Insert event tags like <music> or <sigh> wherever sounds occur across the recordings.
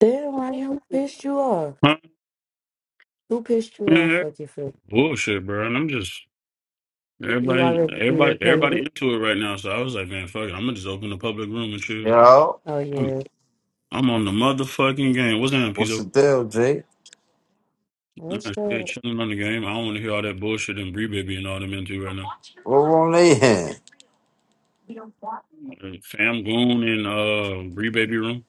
Damn, I who pissed you off? Huh? Who pissed you Man, off, that fucking fool? bullshit, bro. And I'm just You everybody, already everybody, everybody irritated? into it right now. So I was like, man, fuck it. I'm gonna just open the public room and chill. Yo, Oh, I'm, yeah. I'm on the motherfucking game. What's that, what's the Pizzo? deal, Jay? What's Nah, shit, that? chilling on the game. I don't want to hear all that bullshit and Bree Baby and all them into right now. What wrong they in? Uh, Fam Goon and uh Bree Baby room.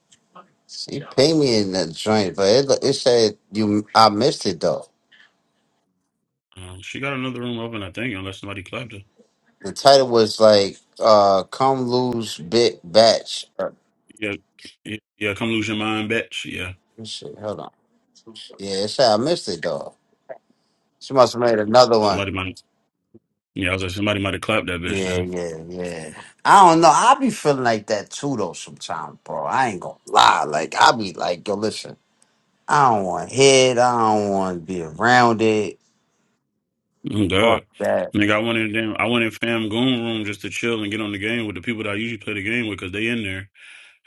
You pay me in that joint, but it, it said you. I missed it though. Uh, she got another room open, I think, unless somebody clapped her. The title was like, uh, "Come lose big batch." Uh, Yeah, yeah, yeah. Come lose your mind, bitch. Yeah, shit, hold on. Yeah, it said I missed it though. She must have made another one. somebody might. Yeah, I was like, somebody might have clapped that bitch then. Yeah, yeah, yeah. I don't know. I be feeling like that too though sometimes, bro. I ain't gonna lie. Like I be like, yo, listen. I don't want to hit. I don't want to be around it. Oh, God. Fuck that. Nigga, I went in damn, I went in fam goon room just to chill and get on the game with the people that I usually play the game with because they in there.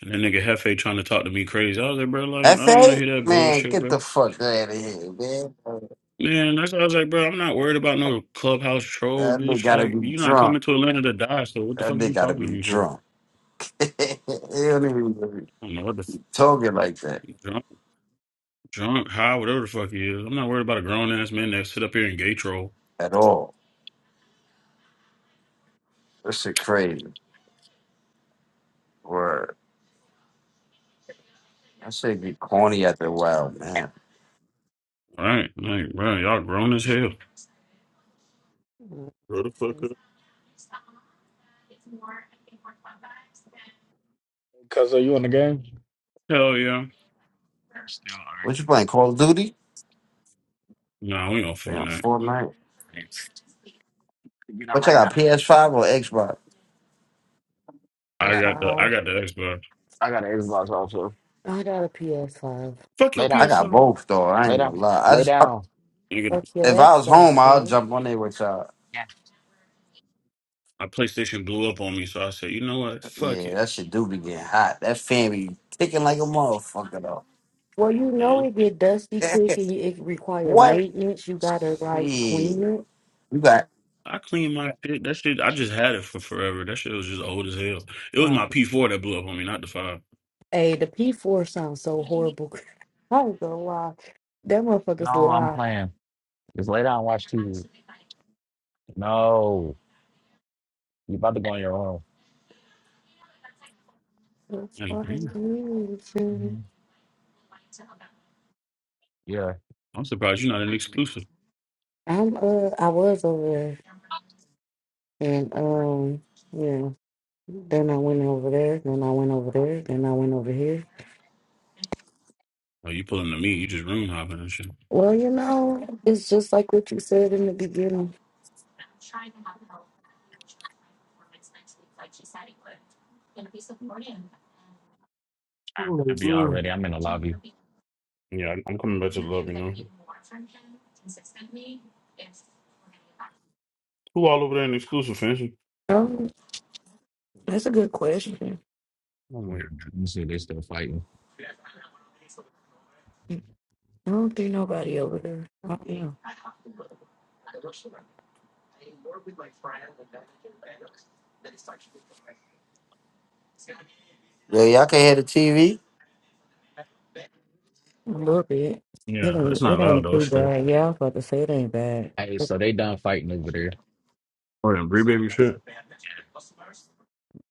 And that nigga Hefe trying to talk to me crazy. I was like, bro, like, I don't want to FA? hear that Man, bullshit, get bro. the fuck out of here, man. Man, that's I was like, bro, I'm not worried about no clubhouse troll, That nigga bitch. gotta Like, be you're not drunk. coming to Atlanta to die, so what the That fuck nigga you gotta talking to be me for? drunk. <laughs> he don't even be I don't know what the f- talking like that drunk, drunk, high, whatever the fuck he is. I'm not worried about a grown ass man that sit up here and gay troll. at all. That shit crazy. Word. That shit be corny after a while, man. Right? Like, bro, y'all grown as hell. Grow the fuck up. Cuz are you in the game? Hell yeah. Still What you arguing. playing, Call of Duty? Nah, we on Yeah, Fortnite. Fortnite. You know, What you right got, now, PS5 or Xbox? I A I got got the I five. got the Xbox. I got an Xbox also. I got a PS5. Fuck your Lay I down. got PS5. both, though. I Lay ain't down. gonna lie. I Lay just, I, down. Nigga, Fuck your if I was home, Xbox, I'll man. jump on there with y'all. Yeah. my PlayStation blew up on me, so I said, you know what? Fuck Yeah, it. that shit do be getting hot. That fan be ticking like a motherfucker, Well, you know man. it get dusty quick though. and it <laughs> require what? maintenance. You gotta, Shit. like, clean You it. got I cleaned my shit. That shit, I just had it for forever. That shit was just old as hell. It was Uh, my P4 that blew up on me, not the five. Hey, the P4 sounds so horrible. <laughs> I ain't gonna lie. That No, motherfucker's I'm live. playing. Just lay down and watch TV. No. You about to go in your room. That's Like, why I'm, damn, doing. Mhm. Yeah. I'm surprised you're not an exclusive. I'm, uh, I was over there. And um, yeah. Then I went over there. Then I went over there. Then I went over here. Oh, you pulling to me? You just room hopping and shit. Well, you know, it's just like what you said in the beginning. I'm Oh, gonna be bro. already. I'm in the lobby. Yeah, I'm I'm coming back to the love, Yeah, you know. Who all over there in exclusive fancy? Um, that's a good question. I'm like, Let me see. They still fighting. I don't think nobody over there. I don't know. yo, y'all can't hear the TV? A little bit. It yeah, it's ain't, not it loud ain't though. too It's that. bad. Yeah, I was about to say it ain't bad. Hey, But so they done fighting over there. Oh, and Bree Baby shit.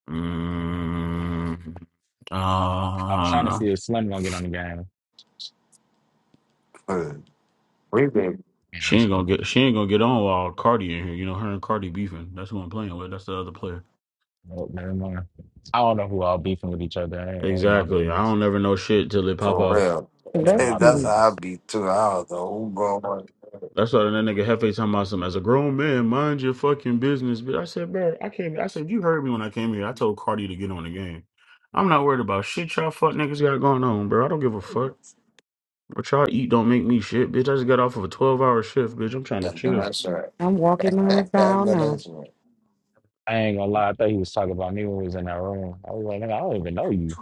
Mm, uh, I was I don't trying to know. see if Slim gonna get on the game. Mm, We been Yeah, She I'm ain't just- gonna get. She ain't gonna get on while Cardi in here. You know, her and Cardi beefing. That's who I'm playing with. That's the other player. nope, never mind. I don't know who all beefing with each other. It ain't, it ain't my Exactly. I business. don't never know shit till it pop for off. real. It <laughs> ain't Let's my That's see. how I business. be too. I don't know who going on. That's why that nigga Hefe talking about some as a grown man, mind your fucking business. But I said, bro, I came. I said, you heard me when I came here. I told Cardi to get on the game. I'm not worried about shit y'all fuck niggas got going on, bro. I don't give a fuck. What y'all eat don't make me shit, bitch. I just got off of a 12 hour shift, bitch. I'm trying to Y'all know chill. that's right. I'm <laughs> walking my Y'all style know now. that's right. I ain't gonna lie, I thought he was talking about me when we was in that room. I was like, nigga, I don't even know you.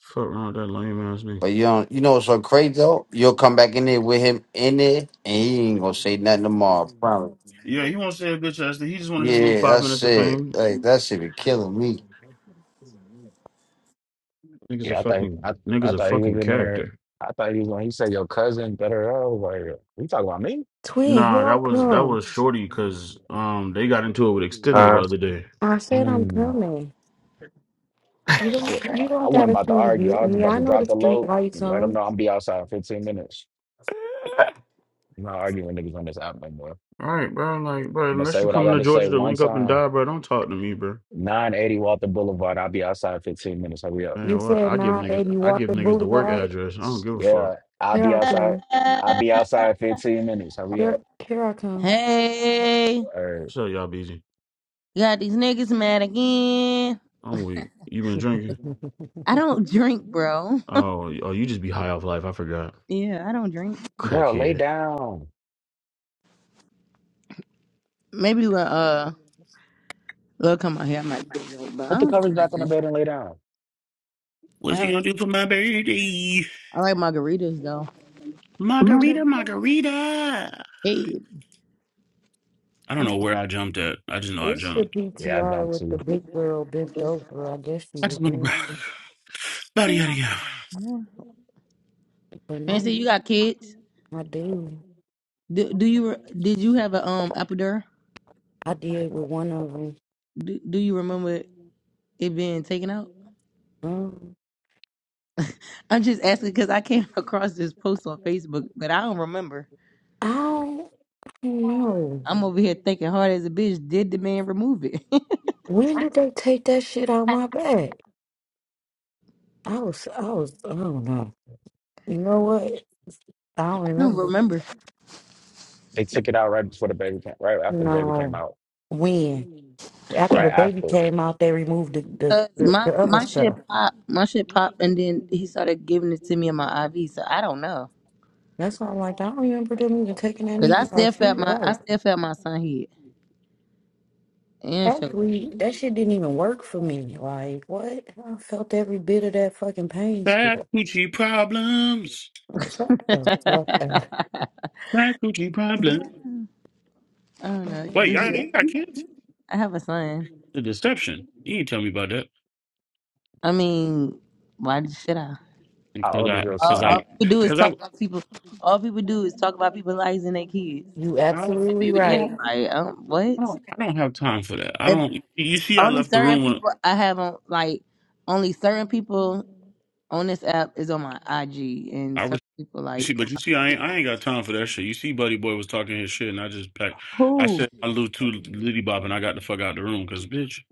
Fuck around with that lame ass nigga. But you don't, you know what's so crazy though? You'll come back in there with him in there and he ain't gonna say nothing tomorrow, I promise. Yeah, he won't say a bitch ass. thing. He just wanted his little Yeah, five that's minutes of it. fame. Like that shit be killing me. Niggas a Yeah, I thought fucking I, I niggas a thought he was fucking in there. character. I thought he was when he said your cousin better. I was like, you talking about me? Twin, here Nah, I that was that come. was shorty because um they got into it with Extendo the are other day. I said I'm Mm. coming. You I, don't you wa- I don't wasn't gotta about to come argue. get I was me. about I to know drop the the street load. lights and Let him on. know I'm be outside in 15 minutes. I'm not arguing with niggas on this app no more. All right, bro. Like, bro, I'm gonna unless say you what I coming got to to say Georgia to one link up and time. die, bro, don't talk to me, bro. 980 Walter Boulevard. I'll be outside 15 minutes. Hurry up. You Man, what? said I give niggas 980 I give Walker niggas the work Boulevard. address. I don't give a fuck. Yeah, I'll Here be I outside. come. I'll be outside 15 minutes. Hurry Here, up. here I come. Hey, All right. What's up, y'all, Busy? got these niggas mad again. I'm weak. You been drinking? <laughs> I don't drink, bro. <laughs> Oh, oh, you just be high off life. I forgot. Yeah, I don't drink. Girl, lay Crackhead. down. Maybe when uh, they'll come out here, I might drink, but I Put the don't covers drink like back on the that. bed and lay down. I, What you have- gonna do for my birthday? I like margaritas though. Margarita, Margarita. margarita. Hey, I don't know where I jumped at. I just know I It's the jumped. Yeah, I PTR jumped with the too. big girl bent over. I guess she I was just wanna in, <sighs> Yada, yada, yada. but fancy, not. you got kids? I did. Do, do you re- did you have a um epidural? I did with one of them. Do, do you remember it being taken out? Um, I'm just asking because I came <laughs> across this post on Facebook, but I don't remember. I don't know. I'm over here thinking hard as a bitch. Did the man remove it? <laughs> I When did they take that shit out my back? I was, I was, I don't know. You know what? I don't don't remember. remember. They took it out right before the baby came, right after the baby came No. out. When? After Right the baby after. came out, they removed the, the, Uh, the, my the other my shit stuff. pop, my shit popped, and then he started giving it to me in my IV. So I don't know, That's why I'm like, I don't remember them even taking that cause I nigga by the still feet. felt my I Right. still felt my son head and shoulder. Actually, that shit didn't even work for me. Like, what? I felt every bit of that fucking pain Bad still. Gucci problems. <laughs> Shut <laughs> the fuck up. I Bad Gucci problems. don't know. Wait, This y'all, you got girl, kids? <laughs> I have a son. The deception. You ain't tell me about that. I mean, why should I? How Because old is I, your All, because son? I, all people do is because I, talk about people. All people do is talk about people lives and their kids. You I don't, And absolutely maybe I right. daddy don't, like, um, what? I don't, I don't have time for that. I If don't, you see, I only left the certain room when people I have on like only certain people on this app is on my IG, and I certain was, people you like, see, but you see, I ain't, I ain't got time for that shit. You see, Buddy Boy was talking his shit and I just packed, I Who? said my little too litty bop and I got the fuck out the room because, bitch,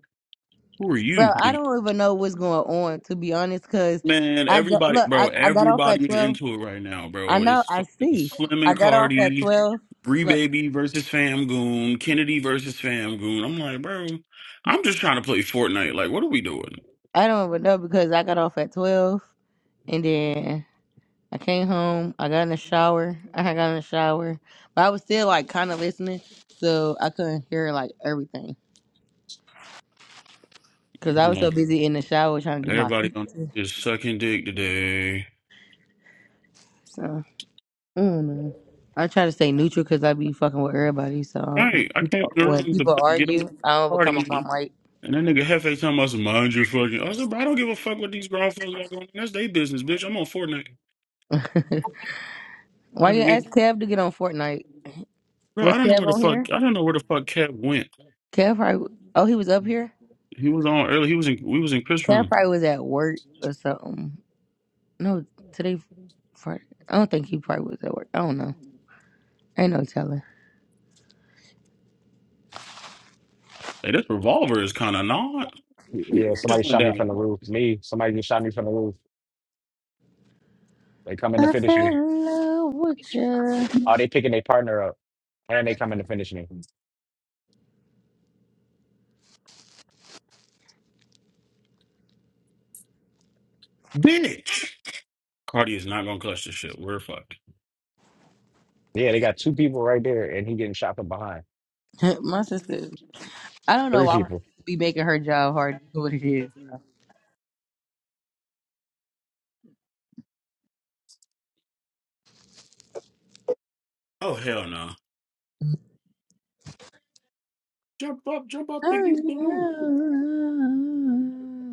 who are bro, you? I don't even know what's going on to be honest, cause Man, I ju- everybody, look, bro, I, I got off at everybody's twelve. into it right now, I bro. know, It's I fucking see. Slim I and got off at Cardi, twelve. Bree Look, Baby versus Famgoon, Kennedy versus Famgoon. I'm like, bro, I'm just trying to play Fortnite. Like, what are we doing? I don't even know because I got off at twelve, and then I came home. I got in the shower. I had got in the shower, but I was still like kind of listening, so I couldn't hear like everything because I I don't was know. so busy in the shower trying to do my Everybody on pizza. is sucking dick today. So. Mm. I try to stay neutral because I be fucking with everybody. So when Right, I came in people, the when room to people play- get on the argue, I don't become a party, problem. Right? and that nigga Hefe talking about some mind your fucking. I said, bro, I don't give a fuck what these grown folks got going on. That's their business, bitch. I'm on Fortnite. Why I you can get, ask Kev to get on Fortnite? bro. I Was don't know where Kev the on fuck. here? I don't know where the fuck Kev went. Kev probably. Oh, he was up here. He was on early. He was in. We was in Chris Kev room. probably was at work or something. No, today. Friday. I don't think he probably was at work. I don't know. Ain't no telling. Hey, this revolver is kind of not. Y- Yeah, It somebody just went shot me down. from the roof. Me, somebody just shot me from the roof. They coming to I finish fell me. in love with you. Oh, they picking their partner up. And they coming to finish me. Bitch, Cardi is not gonna clutch this shit. We're fucked. Yeah, they got two people right there, and he getting shot from behind. <laughs> My sister. I don't know Three why I'm people. be making her job hard. to do What it is. Oh hell no! Jump up, jump up, and Oh, get the room. yeah.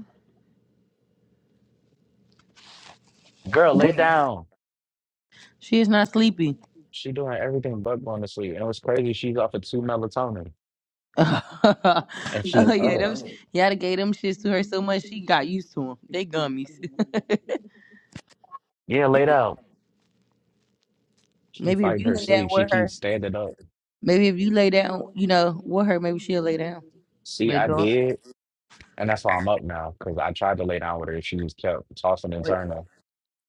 Girl, lay down. She is not sleepy. She doing everything but going to sleep. And it was crazy. She's off of two melatonin, <laughs> oh and she's yeah, up. them. Right. Yada gave them shits to her so much she got used to them. They gummies. Yeah, laid out. <laughs> She maybe if fighting you her lay down sleep. She with her, keeps standing up. maybe if you lay down, you know, with her, maybe she'll lay down. See, But I don't. did, and that's why I'm up now because I tried to lay down with her. and She just kept tossing and But turning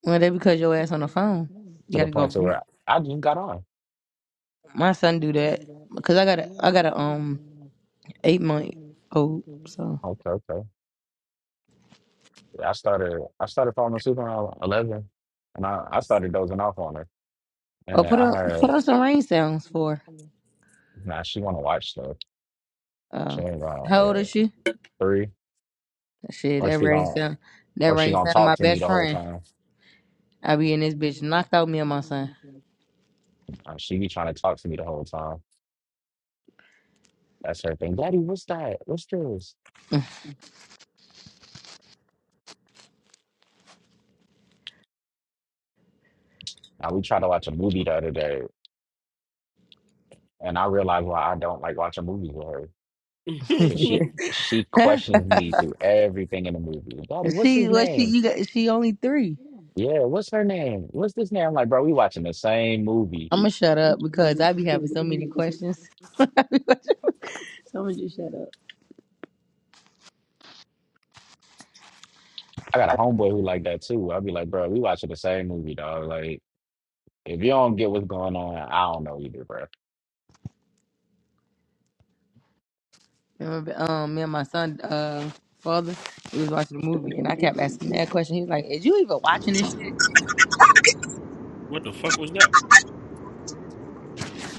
well, that because your ass on the phone. You to the gotta go. point on to mute. where I just got on. My son do that because I got a I got a um eight month old. So Okay, okay. Yeah, I started. I started falling asleep around eleven, and I, I started dozing off on her. oh And put I on had. put on some rain sounds for. Nah, she want to watch stuff. her. She Uh, ain't gonna. how Yeah. old is she? Three. Shit, like that she rain gonna sound. That or she rain gonna sound. talk My to me best the whole friend. time. I be in this bitch knocked out me and my son. Uh, she be trying to talk to me the whole time. That's her thing. Daddy, what's that? What's this? Now we tried to watch a movie the other day, and I realized why I don't like watching movies with her. <laughs> Cause <laughs> she she questions me through everything in the movie. Daddy, what's she his what she name? you got she only three. Yeah, what's her name? What's this name? I'm like, bro, we watching the same movie. I'ma shut up because I be having so many questions. <laughs> Someone just shut up. I got a homeboy who like that too. I'll be like, bro, we watching the same movie, dog. Like, if you don't get what's going on, I don't know either, bro. Remember, um me and my son uh father, we was watching the movie and I kept asking that question. He was like, Is you even watching this shit? what the fuck was that?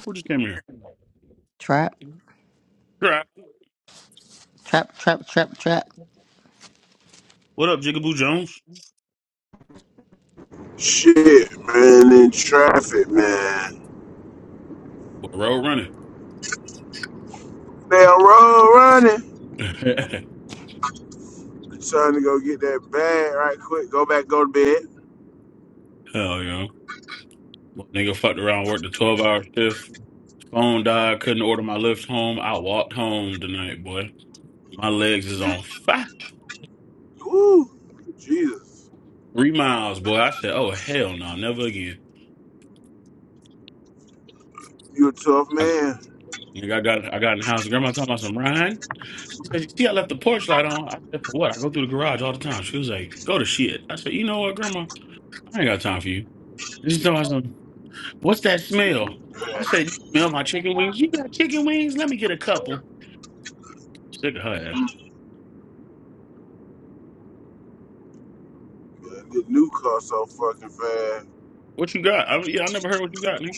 Who just came here? Trap, Crap. trap, trap, trap, trap. What up, Jigaboo Jones? Shit, man, in traffic, man. Boy, road running. They on road running. <laughs> hell I'm Trying to go get that bag right quick. Go back, go to bed. yeah. Well, nigga fucked around, worked a twelve hour shift. Phone died. Couldn't order my lift home. I walked home tonight, boy. My legs is on fire. Woo, Jesus, Three miles, boy. I said, oh hell no, never again. you a tough I, man. I got I got in the house. Grandma talking about some Ryan. She said, "You see, I left the porch light on." I said, "For what?" I go through the garage all the time. She was like, "Go to shit." I said, "You know what, Grandma? I ain't got time for you." And She told me some. What's that smell? I said, "You smell my chicken wings? You got chicken wings? Let me get a couple." Sick of her. ass. Mm. But The new car so fucking fast. What you got? I, yeah, I never heard what you got, nigga.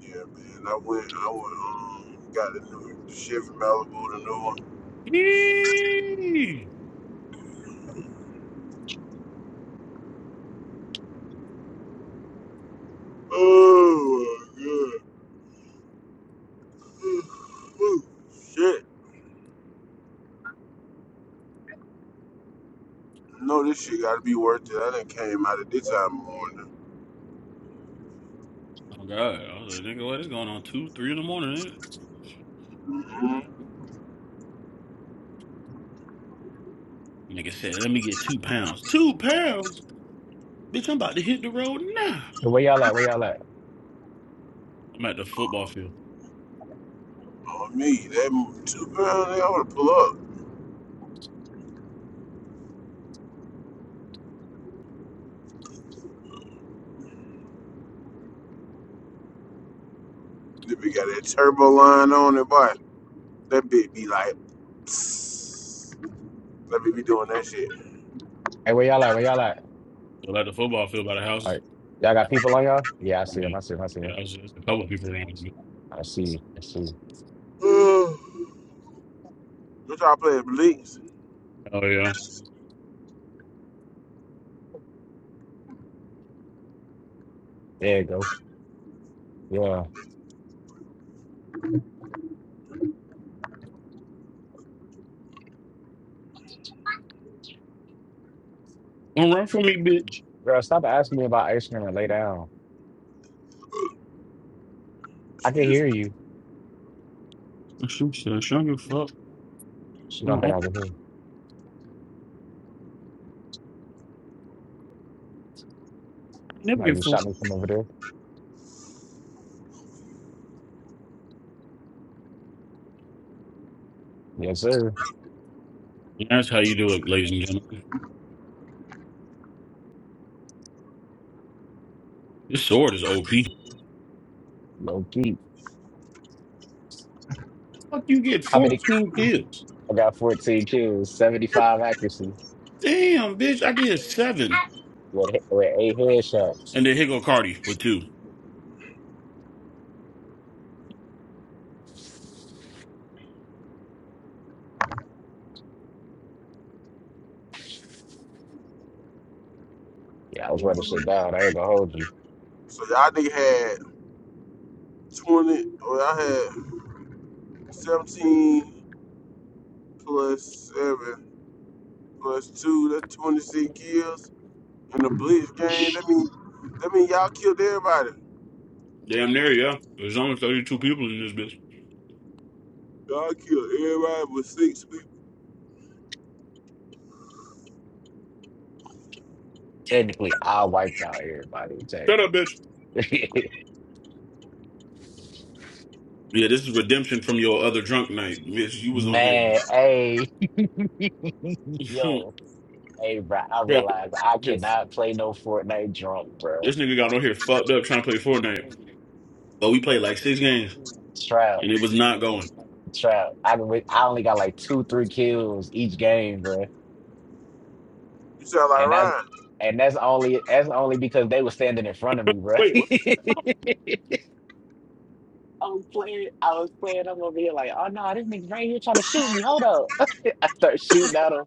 Yeah, man. I went, I went, um, got the new the shit from Malibu, the new one. Yee. Oh my god. Woo, shit. No, this shit gotta be worth it. I done came out of this time morning. Oh God! I was like, "Nigga, what is going on? Two, three in the morning?" Mm-hmm. Nigga, nigga said, "Let me get two pounds. Two pounds, bitch! I'm about to hit the road now." So where y'all at? Where y'all at? I'm at the football field. On me, that two girl, they ought to pull up. If we got that turbo line on it, boy, that bitch be like, let me be doing that shit. Hey, where y'all at? Where y'all at? So like the football field by the All houses. right. Y'all got people on y'all? Yeah, I see them. Mhm. I see them. I see Yeah, them. I was just a couple of people I around me. see. I see. Bitch, y'all playing Bleaks. Oh yeah. There you go. Yeah. Don't run from me, bitch. Girl, stop asking me about ice cream and lay down. I can Excuse hear me. you. Shoot, said, "She don't give a fuck. She don't I think I can hear. never Somebody give a just fuck. shot me from over there. Yes, sir. And that's how you do it, ladies and gentlemen. This sword is OP. Low key. Fuck you get How many? 14 kills. I got 14 kills, 75 accuracy Damn, bitch, I did seven. with, with eight headshots. And then here go Cardi with two. Yeah, I was running shit down. I ain't gonna hold you. So y'all nigga had 20, or y'all had 17 plus 7 plus 2, that's 26 kills in the Bleach game. That mean, that mean y'all killed everybody. Damn near, yeah. There's only 32 people in this bitch. Y'all killed everybody with six people. Technically, I wiped out everybody. Shut up, bitch. Technically. Yeah, this is <laughs> redemption from your other drunk night. Bitch, you was on there. Man, hey, <laughs> <laughs> yo, hey, bro, I realize I Yeah, cannot play no Fortnite drunk, bro. This nigga got on here fucked up trying to play Fortnite. But we played like six games Trout, and it was not going. trout. I can, re- I only got like two, three kills each game, bro, You sound like and that's Ryan. and that's only that's only because they were standing in front of me, bro. Wait, what? <laughs> I was playing. I was playing. I'm over here like, oh no, this nigga right here trying to shoot me. Hold up. <laughs> I start shooting at him.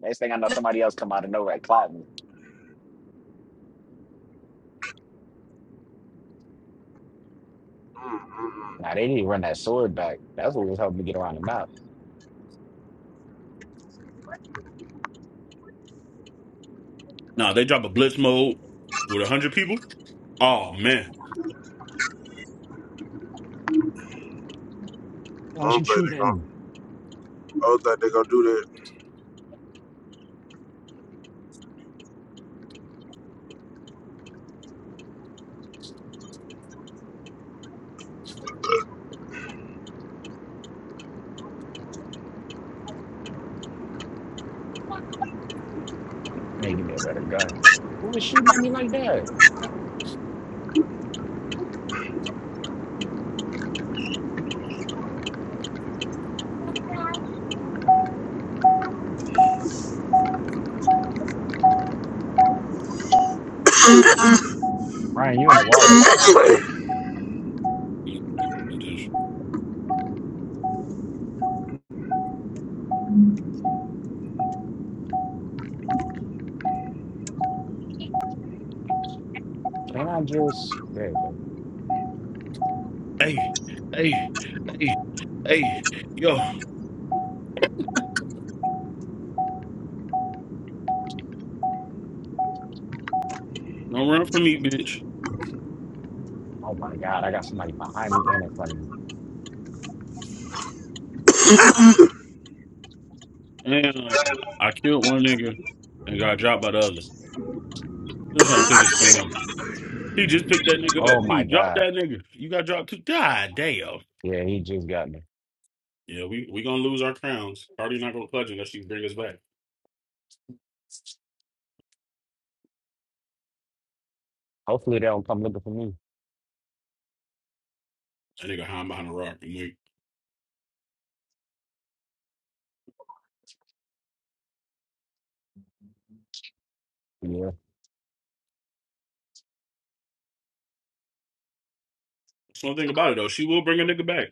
Next thing I know, somebody else come out of nowhere and clap me. Mm-mm-mm. Now they didn't run that sword back. That's what was helping me get around the map. Nah, they drop a blitz mode with a hundred people. Oh man. I Why was you don't think they shooting at gonna me? I don't they gonna do that. Hey, give me a better gun. Who was shooting at me like that? Ryan, you in the water. Intense. Can I just? There you go. Hey, hey, hey, hey, yo, don't run from me, bitch. Oh my God, I got somebody behind me and in front of me. And um, I killed one nigga and got dropped by the others. Still trying to pick his friend up. He just picked that nigga up. Oh He my dropped God. that nigga. You got dropped too. God damn. Yeah, he just got me. Yeah, we we gonna lose our crowns. Party not gonna pledge unless you bring us back. Hopefully they don't come looking for me. That nigga hiding behind a rock. I'm like, Yeah. that's one thing about it though. She will bring a nigga back.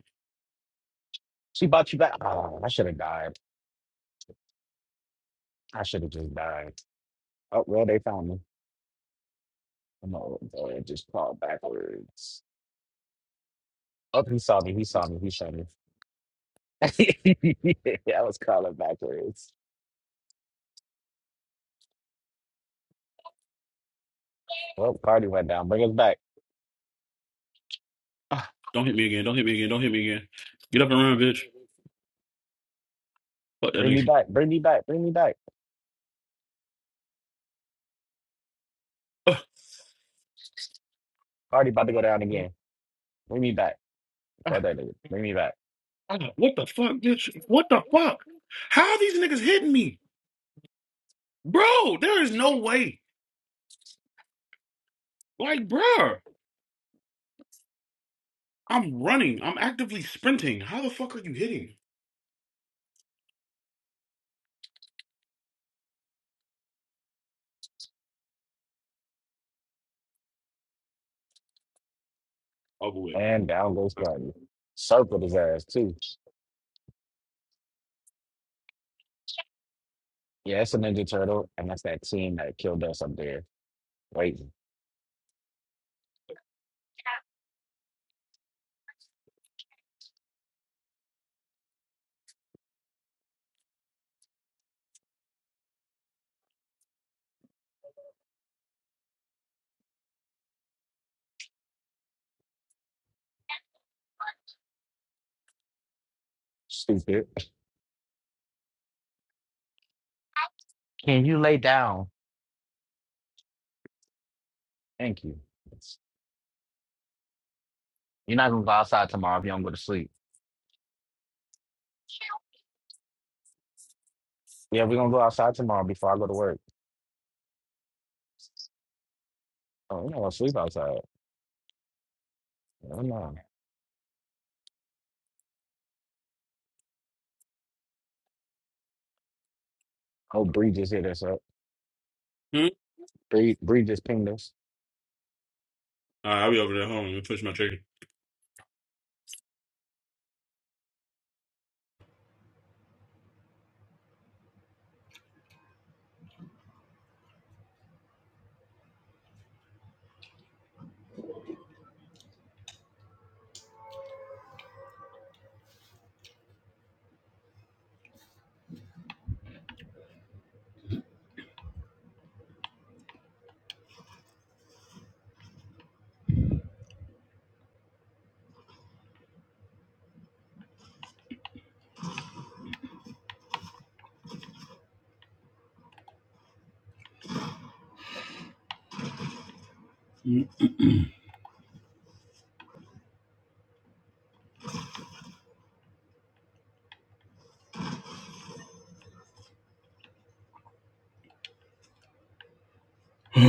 She bought you back. Oh, I should have died. I should have just died. Oh, well, they found me. I'm not looking for Just call backwards. Oh, he saw me. He saw me. He shot me. <laughs> I was calling backwards. Well, Cardi went down. Bring us back. Ah, don't hit me again. Don't hit me again. Don't hit me again. Get up and run, bitch. Fuck that Bring me nigga. back. Bring me back. Bring me back. Ugh. Cardi about to go down again. Bring me back. Fuck Ah, that nigga. Bring me back. ah, what the fuck, bitch? What the fuck? How are these niggas hitting me? Bro, there is no way. Like, bruh, I'm running. I'm actively sprinting. How the fuck are you hitting? Over with. And down goes Cardi. Circled his ass, too. Yeah, it's a Ninja Turtle, and that's that team that killed us up there. Wait, stupid. <laughs> Can you lay down? Thank you. You're not gonna go outside tomorrow if you don't go to sleep. Yeah, we're gonna go outside tomorrow before I go to work. Oh, I'm not gonna sleep outside. Never mind. Oh, Bree just hit us up. Hmm? Bree, Bree just pinged us. All right, I'll be over there. Hold on. Let me finish my chicken. <laughs>